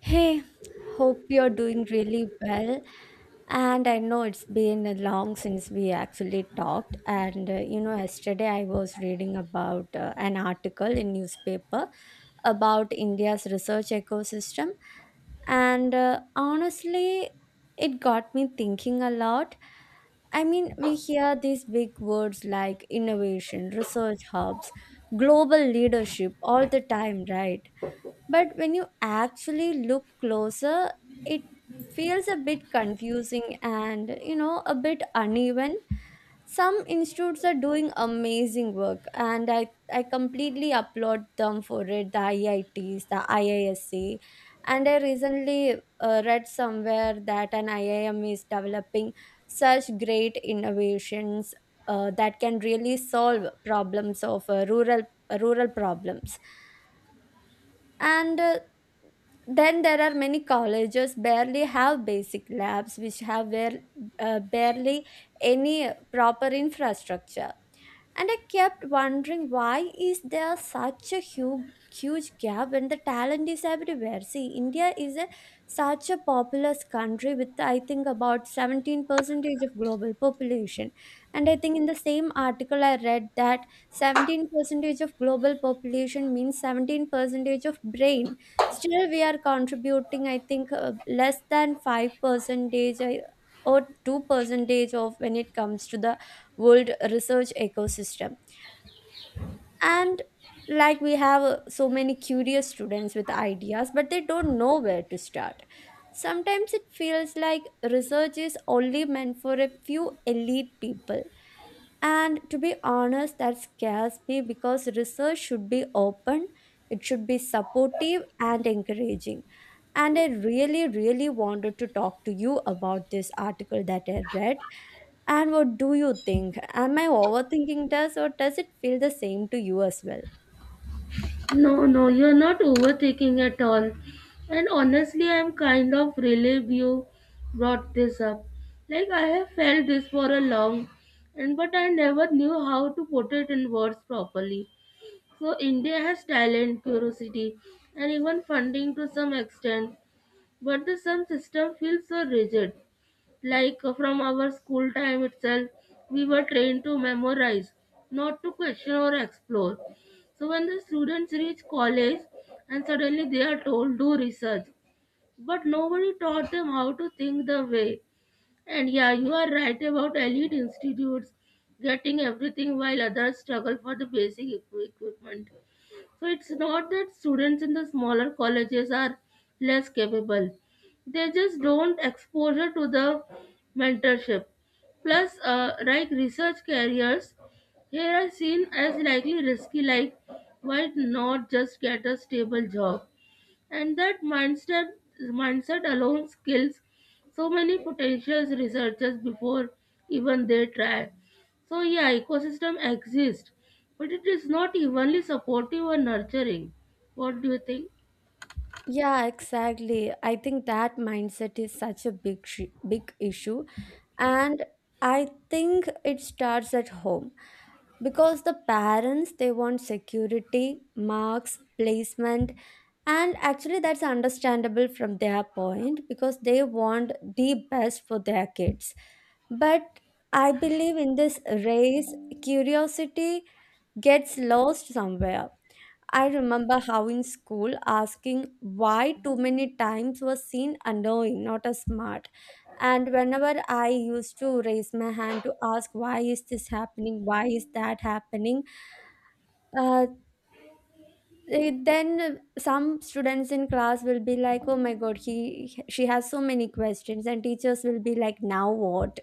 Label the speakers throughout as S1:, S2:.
S1: Hey, hope you're doing really well. And I know it's been long since we actually talked. And yesterday I was reading about an article in newspaper about India's research ecosystem, and honestly, it got me thinking a lot. I mean, we hear these big words like innovation, research hubs, global leadership all the time, right? But when you actually look closer, it feels a bit confusing and, a bit uneven. Some institutes are doing amazing work, and I completely applaud them for it the IITs, the IISC. And I recently read somewhere that an IIM is developing such great innovations that can really solve problems of rural problems, and then there are many colleges barely have basic labs which have where, barely any proper infrastructure. And I kept wondering, why is there such a huge gap when the talent is everywhere? See, India is a such a populous country with, I think, about 17 percentage of global population. And I think in the same article I read that 17 percentage of global population means 17 percentage of brain. Still we are contributing, I think, less than 5 percentage or 2 percentage of, when it comes to the world research ecosystem. And like we have so many curious students with ideas, but they don't know where to start. Sometimes it feels like research is only meant for a few elite people, and to be honest, that scares me because research should be open, it should be supportive and encouraging. And I really, really wanted to talk to you about this article that I read. And what do you think? Am I overthinking this or does it feel the same to you as well?
S2: No, no, you're not overthinking at all. And honestly, I'm kind of relieved you brought this up. Like I have felt this for a long and but I never knew how to put it in words properly. So India has talent, curiosity, and even funding to some extent, but the some system feels so rigid. Like from our school time itself, we were trained to memorize, not to question or explore. So when the students reach college and suddenly they are told do research, but nobody taught them how to think the way. And yeah, you are right about elite institutes getting everything while others struggle for the basic equipment. So it's not that students in the smaller colleges are less capable. They just don't exposure to the mentorship. Plus, like research careers, here are seen as likely risky. Like, why not just get a stable job? And that mindset alone kills so many potential researchers before even they try. So yeah, ecosystem exists but it is not evenly supportive or nurturing. What do you think?
S1: Yeah, exactly. I think that mindset is such a big issue. And I think it starts at home. Because the parents, they want security, marks, placement. And actually that's understandable from their point because they want the best for their kids. But I believe in this race, curiosity gets lost somewhere. I remember how in school asking why too many times was seen annoying, not as smart. And whenever I used to raise my hand to ask why is this happening, why is that happening, uh, then some students in class will be like, "Oh my God, he she has so many questions," and teachers will be like, "Now what?"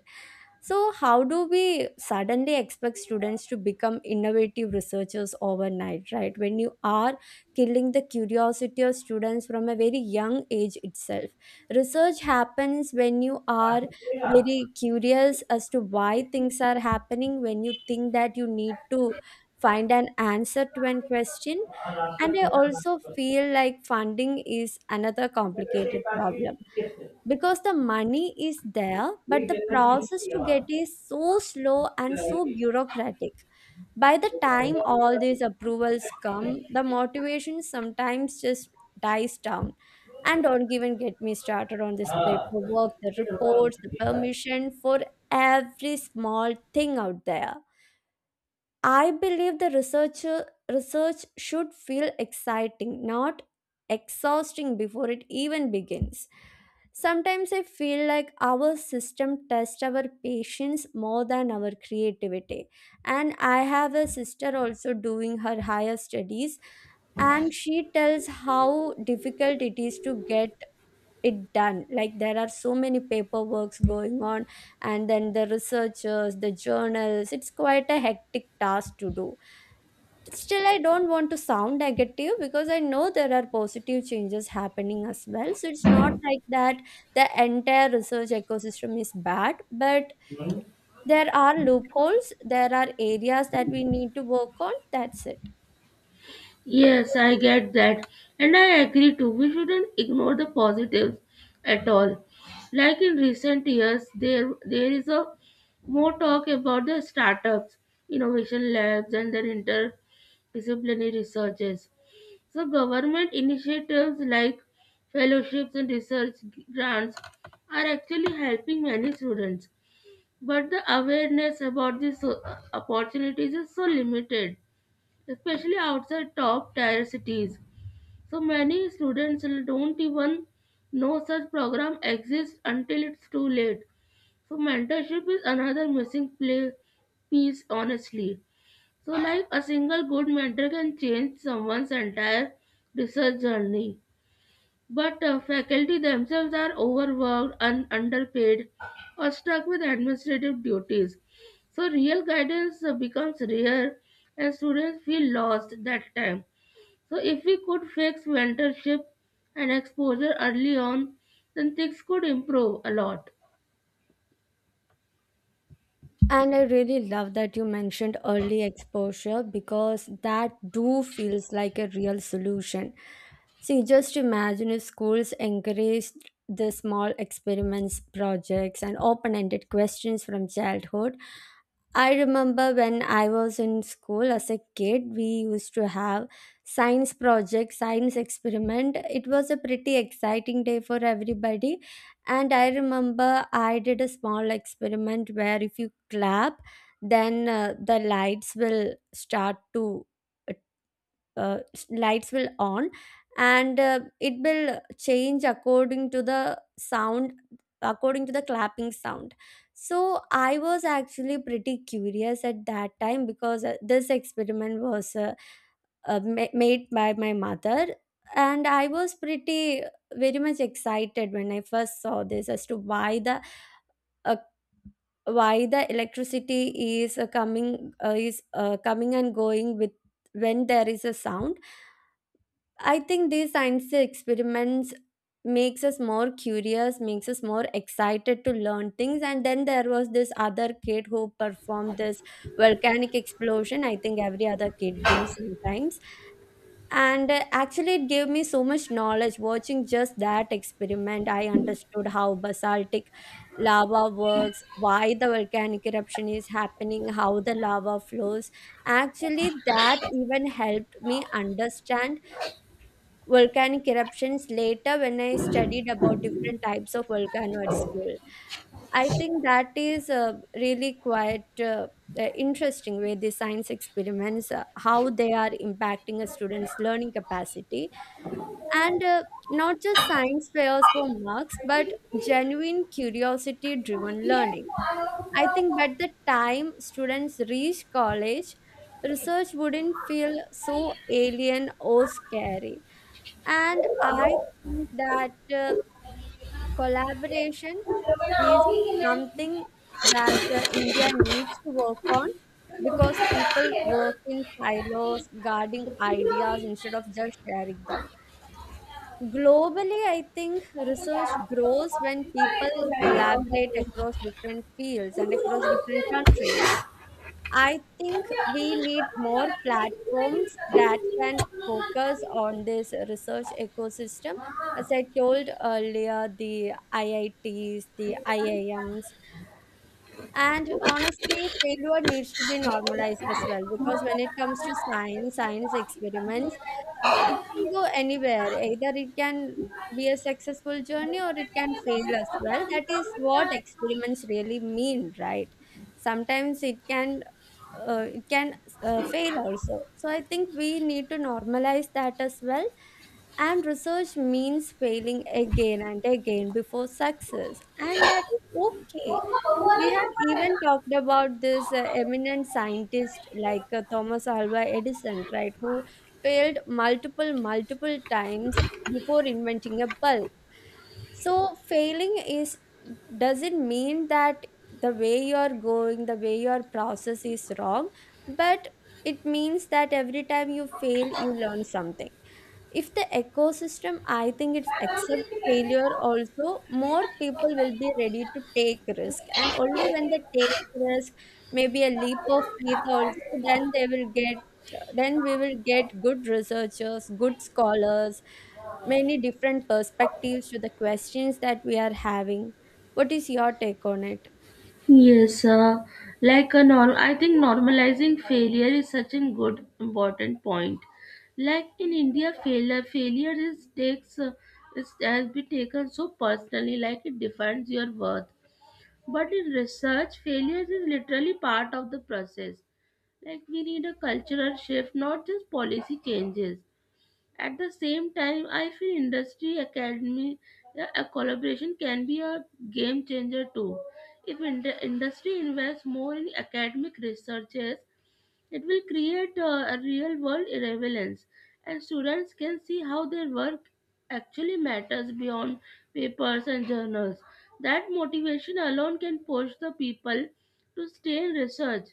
S1: So how do we suddenly expect students to become innovative researchers overnight, right? When you are killing the curiosity of students from a very young age itself, research happens when you are very curious as to why things are happening. When you think that you need to find an answer to an question. And I also feel like funding is another complicated problem, because the money is there, but the process to get is so slow and so bureaucratic. By the time all these approvals come, the motivation sometimes just dies down. And don't even get me started on this paperwork, the reports, the permission for every small thing out there. I believe the researcher research should feel exciting, not exhausting before it even begins. Sometimes I feel like our system tests our patience more than our creativity. And I have a sister also doing her higher studies, and she tells how difficult it is to get it done. Like there are so many paperworks going on, and then the researchers, the journals, it's quite a hectic task to do. Still, I don't want to sound negative because I know there are positive changes happening as well. So it's not like that the entire research ecosystem is bad, but there are loopholes, there are areas that we need to work on, that's it.
S2: Yes, I get that, and I agree too, we shouldn't ignore the positives at all. Like in recent years there is a more talk about the startups, innovation labs, and their interdisciplinary researches. So government initiatives like fellowships and research grants are actually helping many students. But the awareness about these opportunities is so limited, especially outside top tier cities. So many students don't even know such program exists until it's too late. So mentorship is another missing play piece honestly. So, like a single good mentor can change someone's entire research journey. But faculty themselves are overworked and underpaid or stuck with administrative duties. So, real guidance becomes rare and students feel lost that time. So, if we could fix mentorship and exposure early on, then things could improve a lot.
S1: And I really love that you mentioned early exposure because that do feels like a real solution. See, just imagine if schools encouraged the small experiments, projects, and open ended questions from childhood. I remember when I was in school as a kid, we used to have science project, science experiment. It was a pretty exciting day for everybody. And I remember I did a small experiment where if you clap, then the lights will start to lights will on, and it will change according to the sound, according to the clapping sound. So I was actually pretty curious at that time because this experiment was made by my mother. And I was pretty very much excited when I first saw this, as to uh, why the electricity is coming and going when there is a sound. I think these science experiments makes us more curious, makes us more excited to learn things. And then there was this other kid who performed this volcanic explosion, I think every other kid do sometimes. And actually, it gave me so much knowledge. Watching just that experiment, I understood how basaltic lava works, why the volcanic eruption is happening, how the lava flows. Actually, that even helped me understand volcanic eruptions later when I studied about different types of volcano at school. I think that is really quite interesting way the science experiments, how they are impacting a student's learning capacity. And not just science fairs for marks, but genuine curiosity driven learning. I think by the time students reach college, research wouldn't feel so alien or scary. And I think that collaboration is something that India needs to work on because people work in silos, guarding ideas instead of just sharing them. Globally, I think research grows when people collaborate across different fields and across different countries. I think we need more platforms that can focus on this research ecosystem. As I told earlier, the IITs, the IIMs, and honestly, failure needs to be normalized as well, because when it comes to science, science experiments, it can go anywhere. Either it can be a successful journey or it can fail as well. That is what experiments really mean, right? Sometimes it can uh, it can fail also. So I think we need to normalize that as well. And research means failing again and again before success, and that is okay. We had even talked about this eminent scientist like Thomas Alva Edison, right, who failed multiple, multiple times before inventing a bulb. So failing is doesn't mean that the way you're going, the way your process is wrong, but it means that every time you fail, you learn something. If the ecosystem, I think it's accepts failure also, more people will be ready to take risk. And only when they take risk, maybe a leap of faith also, then they will get, then we will get good researchers, good scholars, many different perspectives to the questions that we are having. What is your take on it?
S2: Yes, like a norm, I think normalizing failure is such a good important point. Like in India, failure is takes is has been taken so personally, like it defines your worth. But in research, failure is literally part of the process. Like we need a cultural shift, not just policy changes. At the same time, I feel industry academy a collaboration can be a game changer too. If industry invests more in academic researches, it will create a real world relevance, and students can see how their work actually matters beyond papers and journals. That motivation alone can push the people to stay in research.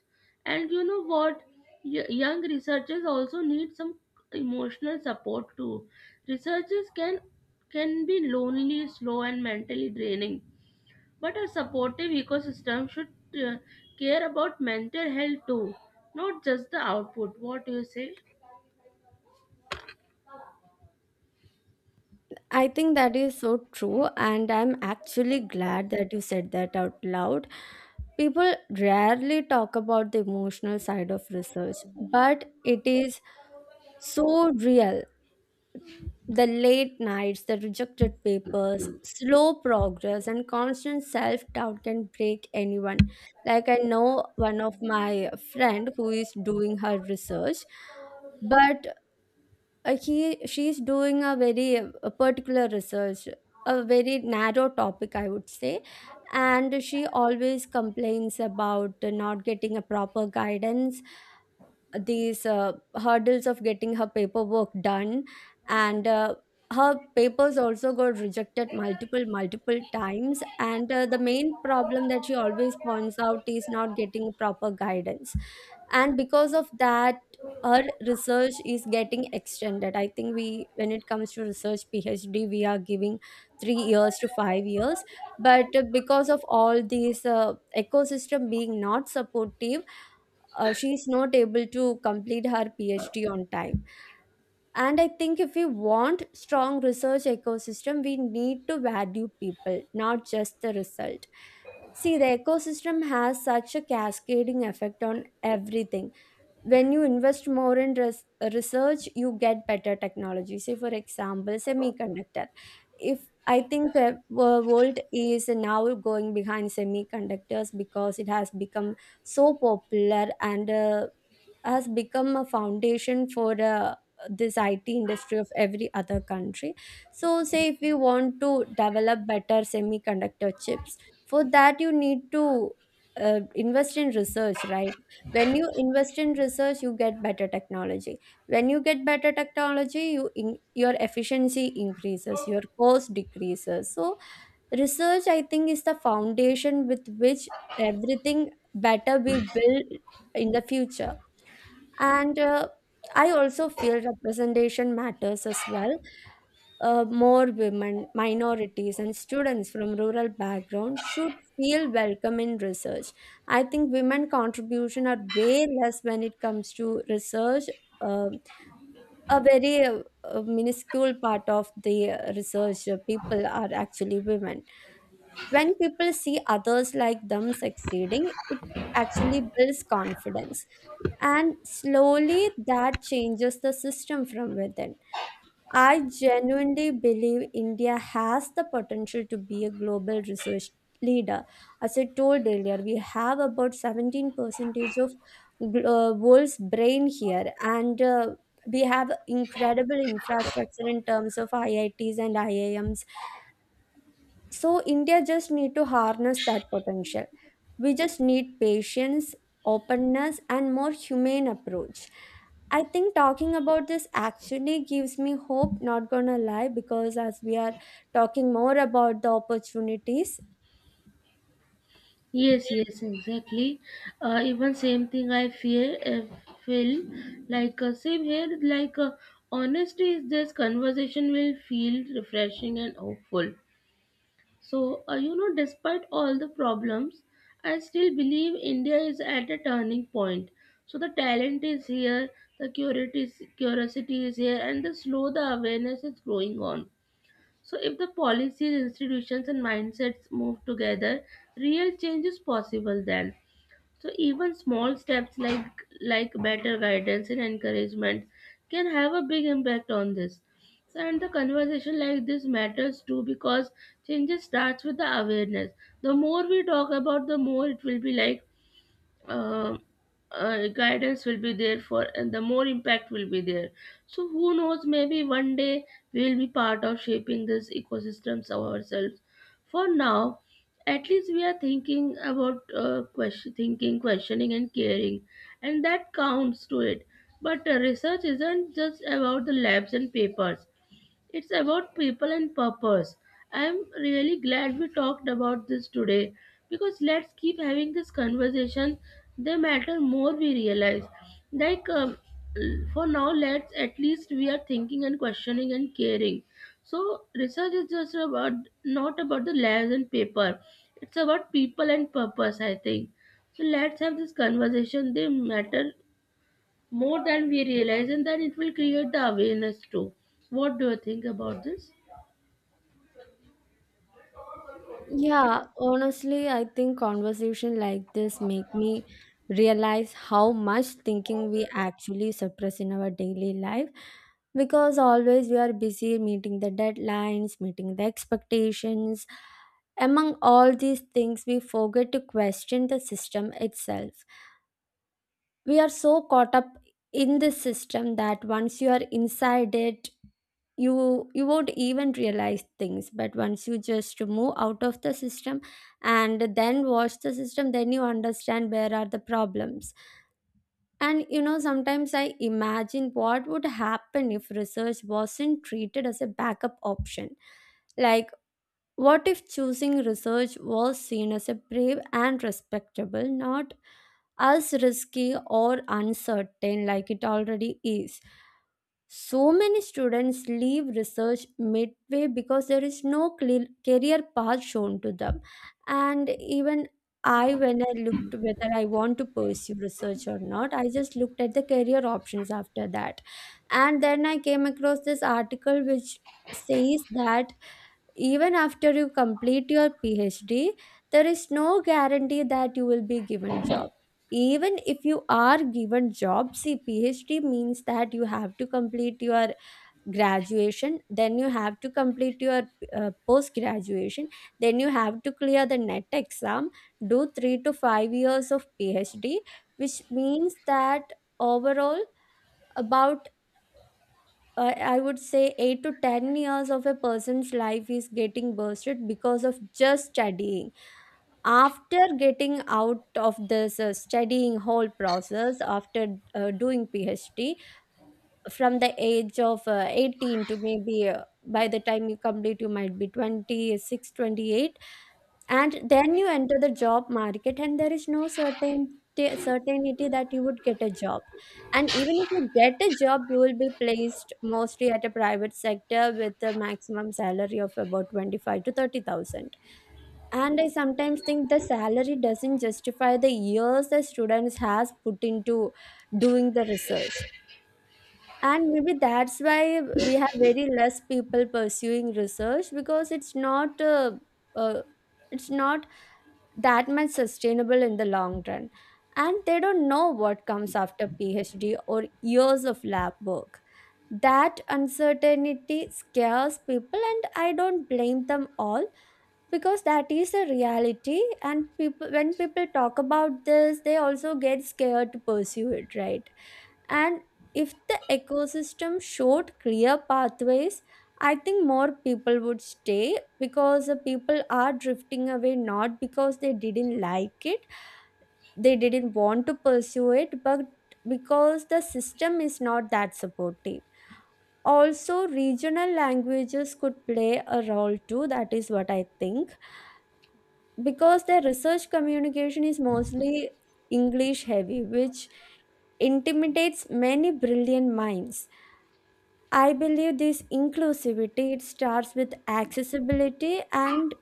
S2: And you know what? Young researchers also need some emotional support too. Researchers can be lonely, slow, and mentally draining, but a supportive ecosystem should uh, care about mental health too, not just the output. What do you say?
S1: I think that is so true, and I'm actually glad that you said that out loud. People rarely talk about the emotional side of research, but it is so real. The late nights, the rejected papers, slow progress, and constant self doubt can break anyone. Like, I know one of my friend who is doing her research, but he she's doing a very a particular research, a very narrow topic I would say. And she always complains about not getting a proper guidance, these hurdles of getting her paperwork done. And her papers also got rejected multiple multiple times. And the main problem that she always points out is not getting proper guidance. And because of that, her research is getting extended. I think we, when it comes to research PhD, we are giving 3 years to 5 years. But because of all these ecosystem being not supportive, she is not able to complete her PhD on time. And I think if we want strong research ecosystem, we need to value people, not just the result. See, the ecosystem has such a cascading effect on everything. When you invest more in research, you get better technology, say for example semiconductor. If I think world is now going behind semiconductors because it has become so popular and has become a foundation for this IT industry of every other country. So, say if we want to develop better semiconductor chips, for that you need to invest in research, right? When you invest in research you get better technology. When you get better technology, your efficiency increases, your cost decreases. So research, I think, is the foundation with which everything better we build in the future. And I also feel representation matters as well. More women, minorities, and students from rural backgrounds should feel welcome in research. I think women contribution are way less when it comes to research. Um a very minuscule part of the research people are actually women. When people see others like them succeeding, it actually builds confidence, and slowly that changes the system from within. I genuinely believe India has the potential to be a global research leader. As I told earlier, we have about 17 percentage of world's brain here, and we have incredible infrastructure in terms of IITs and IIMs. So India just need to harness that potential. We just need patience, openness, and more humane approach. I think talking about this actually gives me hope, not gonna lie, because as we are talking more about the opportunities.
S2: Yes, yes, exactly. Even same thing I feel like same here. Like honesty is this conversation will feel refreshing and hopeful. So, you know, despite all the problems, I still believe India is at a turning point. So, the talent is here, the curiosity is here, and the slow the awareness is growing on. So, if the policies, institutions, and mindsets move together, real change is possible then. So even small steps like better guidance and encouragement can have a big impact on this. So and the conversation like this matters too because changes starts with the awareness. The more we talk about, the more it will be like um, guidance will be there for, and the more impact will be there. So who knows, maybe one day we will be part of shaping these ecosystems ourselves. For now, at least we are thinking about questioning and caring, and that counts to it. But research isn't just about the labs and papers, it's about people and purpose. I'm really glad we talked about this today because let's keep having this conversation. They matter more we realize. Like for now, let's at least we are thinking and questioning and caring. So research is just about not about the labs and paper. It's about people and purpose. I think. So let's have this conversation. They matter more than we realize, and then it will create the awareness too. What do you think about this?
S1: Yeah, honestly, I think conversation like this make me realize how much thinking we actually suppress in our daily life because always we are busy meeting the deadlines, meeting the expectations. Among all these things, we forget to question the system itself. We are so caught up in this system that once you are inside it, you won't even realize things, but once you just move out of the system and then watch the system, then you understand where are the problems. And you know, sometimes I imagine what would happen if research wasn't treated as a backup option. Like, what if choosing research was seen as a brave and respectable, not as risky or uncertain like it already is. So many students leave research midway because there is no clear career path shown to them. And even I, when I looked whether I want to pursue research or not, I just looked at the career options after that. And then I came across this article which says that even after you complete your PhD, there is no guarantee that you will be given job. Even if you are given job, see, PhD means that you have to complete your graduation, then you have to complete your post graduation, then you have to clear the net exam, do 3 to 5 years of PhD, which means that overall about I would say 8 to 10 years of a person's life is getting bursted because of just studying. After getting out of this studying whole process, after doing PhD, from the age of 18 to maybe by the time you complete, you might be 26, 28, and then you enter the job market and there is no certainty that you would get a job. And even if you get a job, you will be placed mostly at a private sector with a maximum salary of about 25 to 30,000. And I sometimes think the salary doesn't justify the years the students has put into doing the research. And maybe that's why we have very less people pursuing research because it's uh, not that much sustainable in the long run, and they don't know what comes after PhD or years of lab work. That uncertainty scares people and I don't blame them all because that is a reality. And people when people talk about this, they also get scared to pursue it, right? And if the ecosystem showed clear pathways, I think more people would stay, because the people are drifting away not because they didn't like it, they didn't want to pursue it, but because the system is not that supportive. Also regional languages could play a role too, that is what I think, because their research communication is mostly English heavy, which intimidates many brilliant minds. I believe this inclusivity, it starts with accessibility, and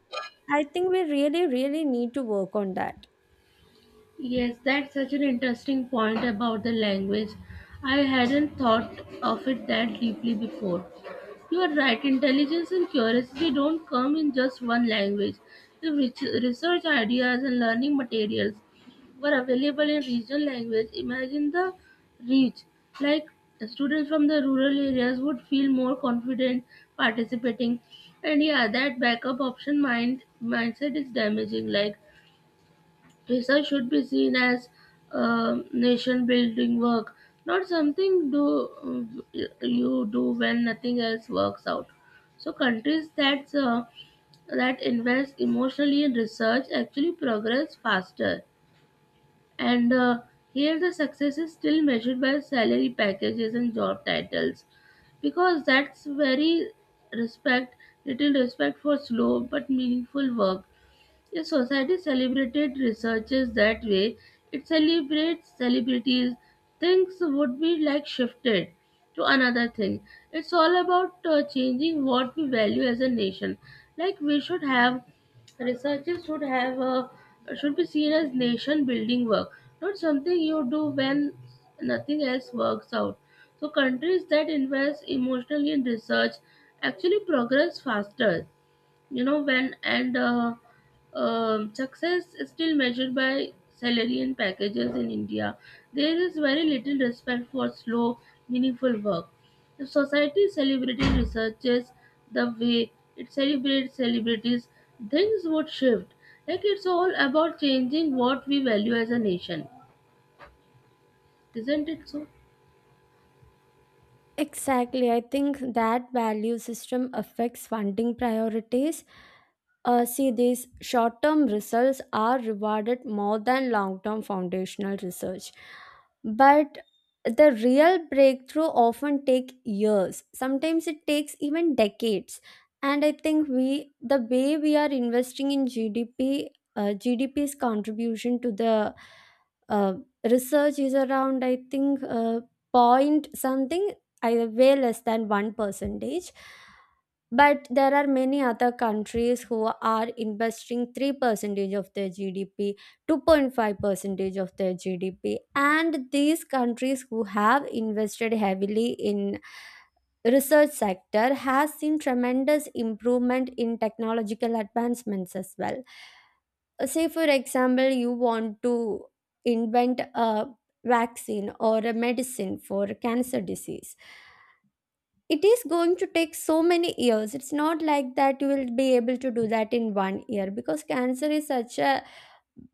S1: I think we really really need to work on that.
S2: Yes, that's such an interesting point about the language. I hadn't thought of it that deeply before. You are right, intelligence and curiosity don't come in just one language. If research ideas and learning materials were available in regional language, imagine the reach. Like students from the rural areas would feel more confident participating. And yeah, that backup option mindset is damaging. Like research should be seen as nation building work, not something do you do when nothing else works out. So countries that that invest emotionally in research actually progress faster. And here the success is still measured by salary packages and job titles because that's very respect little respect for slow but meaningful work. A society celebrated researchers that way. It celebrates celebrities. Things would be like shifted to another thing. It's all about changing what we value as a nation. Like we should have researchers should have should be seen as nation building work, not something you do when nothing else works out. So countries that invest emotionally in research actually progress faster, you know. When and success is still measured by salary and packages in India, there is very little respect for slow meaningful work. If society celebrated researchers the way it celebrates celebrities, things would shift. Like it's all about changing what we value as a nation, isn't it so?
S1: Exactly. I think that value system affects funding priorities. See, these short term results are rewarded more than long term foundational research. But the real breakthrough often take years. Sometimes it takes even decades. And I think we the way we are investing in GDP, GDP's contribution to the uh, research is around I think point something, either way less than one percentage. But there are many other countries who are investing 3% of their GDP, 2.5% of their GDP, and these countries who have invested heavily in research sector has seen tremendous improvement in technological advancements as well. Say for example you want to invent a vaccine or a medicine for cancer disease, it is going to take so many years. It's not like that you will be able to do that in 1 year because cancer is such a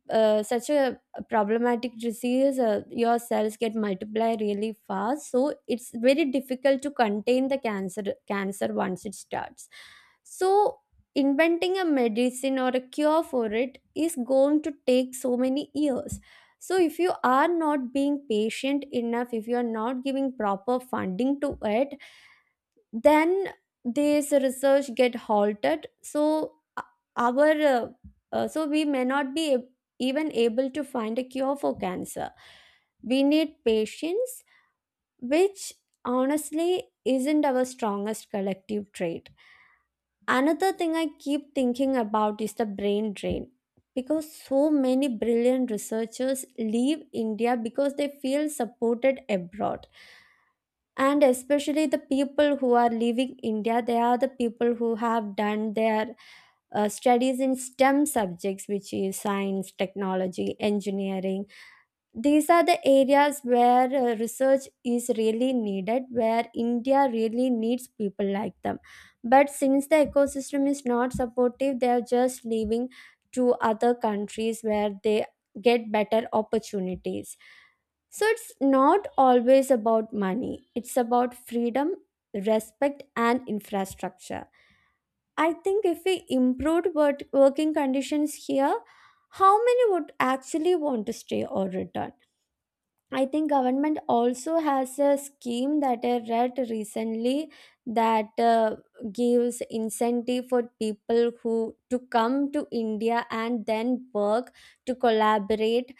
S1: uh, such a problematic disease. Your cells get multiply really fast, so it's very difficult to contain the cancer once it starts. So inventing a medicine or a cure for it is going to take so many years. So if you are not being patient enough, if you are not giving proper funding to it, then this research get halted. So our so we may not be even able to find a cure for cancer. We need patience, which honestly isn't our strongest collective trait. Another thing I keep thinking about is the brain drain, because so many brilliant researchers leave India because they feel supported abroad. And especially the people who are leaving India, they are the people who have done their studies in STEM subjects, which is science, technology, engineering. These are the areas where research is really needed, where India really needs people like them. But since the ecosystem is not supportive, they are just leaving to other countries where they get better opportunities. So it's not always about money, it's about freedom, respect, and infrastructure. I think if we improved working conditions here, how many would actually want to stay or return? I think government also has a scheme that I read recently that gives incentive for people who to come to India and then work to collaborate.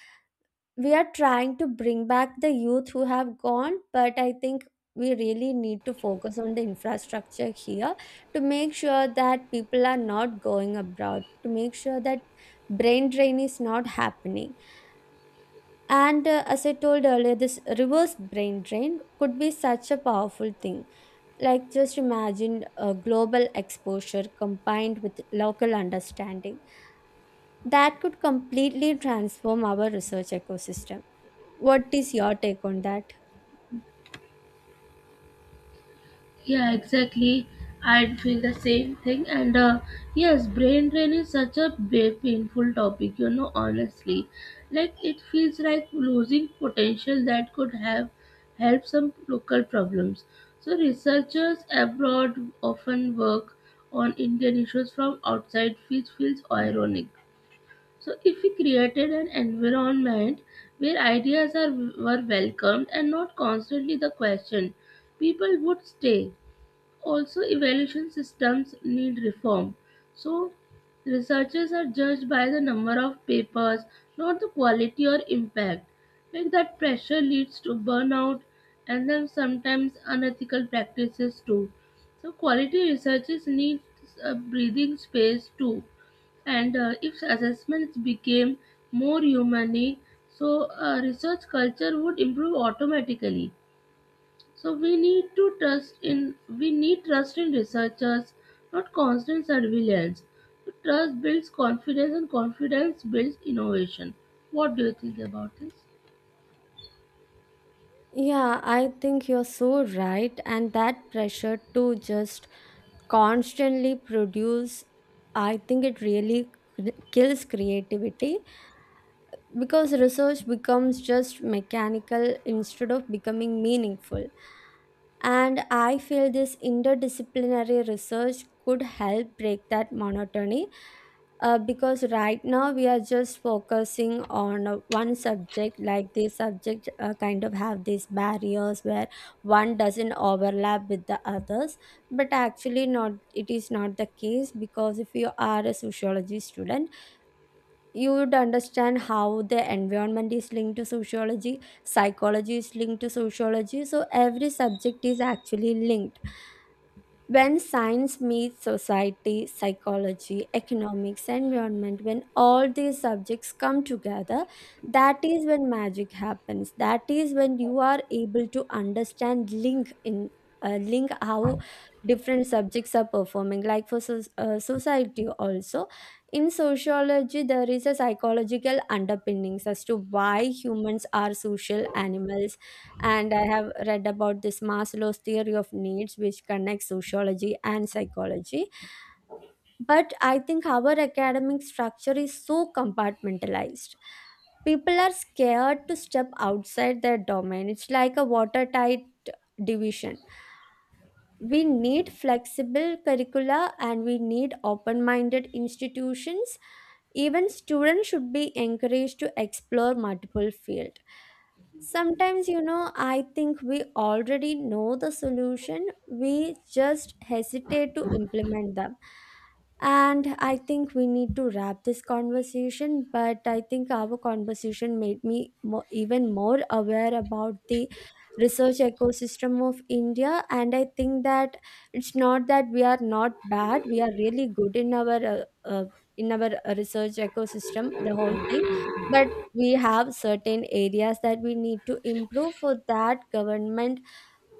S1: We are trying to bring back the youth who have gone, but I think we really need to focus on the infrastructure here, to make sure that people are not going abroad, to make sure that brain drain is not happening. And as I told earlier, this reverse brain drain could be such a powerful thing. Like, just imagine a global exposure combined with local understanding that could completely transform our research ecosystem. What is your take on that?
S2: Yeah, exactly. I'd feel the same thing. And yes, brain drain is such a painful topic, you know, honestly. Like, it feels like losing potential that could have helped some local problems. So, researchers abroad often work on Indian issues from outside, which feels ironic. So, if we created an environment where ideas are were welcomed and not constantly the question, people would stay. Also, evaluation systems need reform. So, researchers are judged by the number of papers, not the quality or impact. Like that pressure leads to burnout and then sometimes unethical practices too. So, quality researchers need a breathing space too. And if assessments became more humane, so research culture would improve automatically. So we need to trust in we need trust in researchers, not constant surveillance. So trust builds confidence and confidence builds innovation. What do you think about this?
S1: Yeah, I think you're so right. And that pressure to just constantly produce, I think it really kills creativity, because research becomes just mechanical instead of becoming meaningful. And I feel this interdisciplinary research could help break that monotony, because right now we are just focusing on one subject. Like this subject kind of have these barriers where one doesn't overlap with the others. But actually, not it is not the case, because if you are a sociology student, you would understand how the environment is linked to sociology, psychology is linked to sociology, so every subject is actually linked. When science meets society, psychology, economics, environment, when all these subjects come together, that is when magic happens. That is when you are able to understand link in link how different subjects are performing. Like for society also, in sociology there is a psychological underpinnings as to why humans are social animals. And I have read about this Maslow's theory of needs which connects sociology and psychology. But I think our academic structure is so compartmentalized, people are scared to step outside their domain. It's like a watertight division. We need flexible curricula and we need open minded institutions. Even students should be encouraged to explore multiple fields. Sometimes, you know, I think we already know the solution, we just hesitate to implement them. And I think we need to wrap this conversation, but I think our conversation made me even more aware about the research ecosystem of India. And I think that it's not that we are not bad, we are really good in our research ecosystem, the whole thing. But we have certain areas that we need to improve. For that,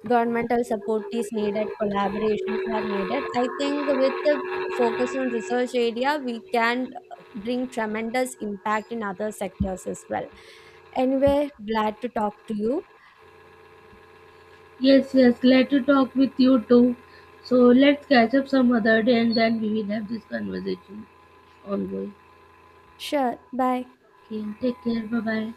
S1: governmental support is needed, collaborations are needed. I think with the focus on research area, we can bring tremendous impact in other sectors as well. Anyway, glad to talk to you.
S2: Yes, yes, glad to talk with you too. So let's catch up some other day and then we will have this conversation ongoing.
S1: Sure, bye.
S2: Okay, take care, bye bye.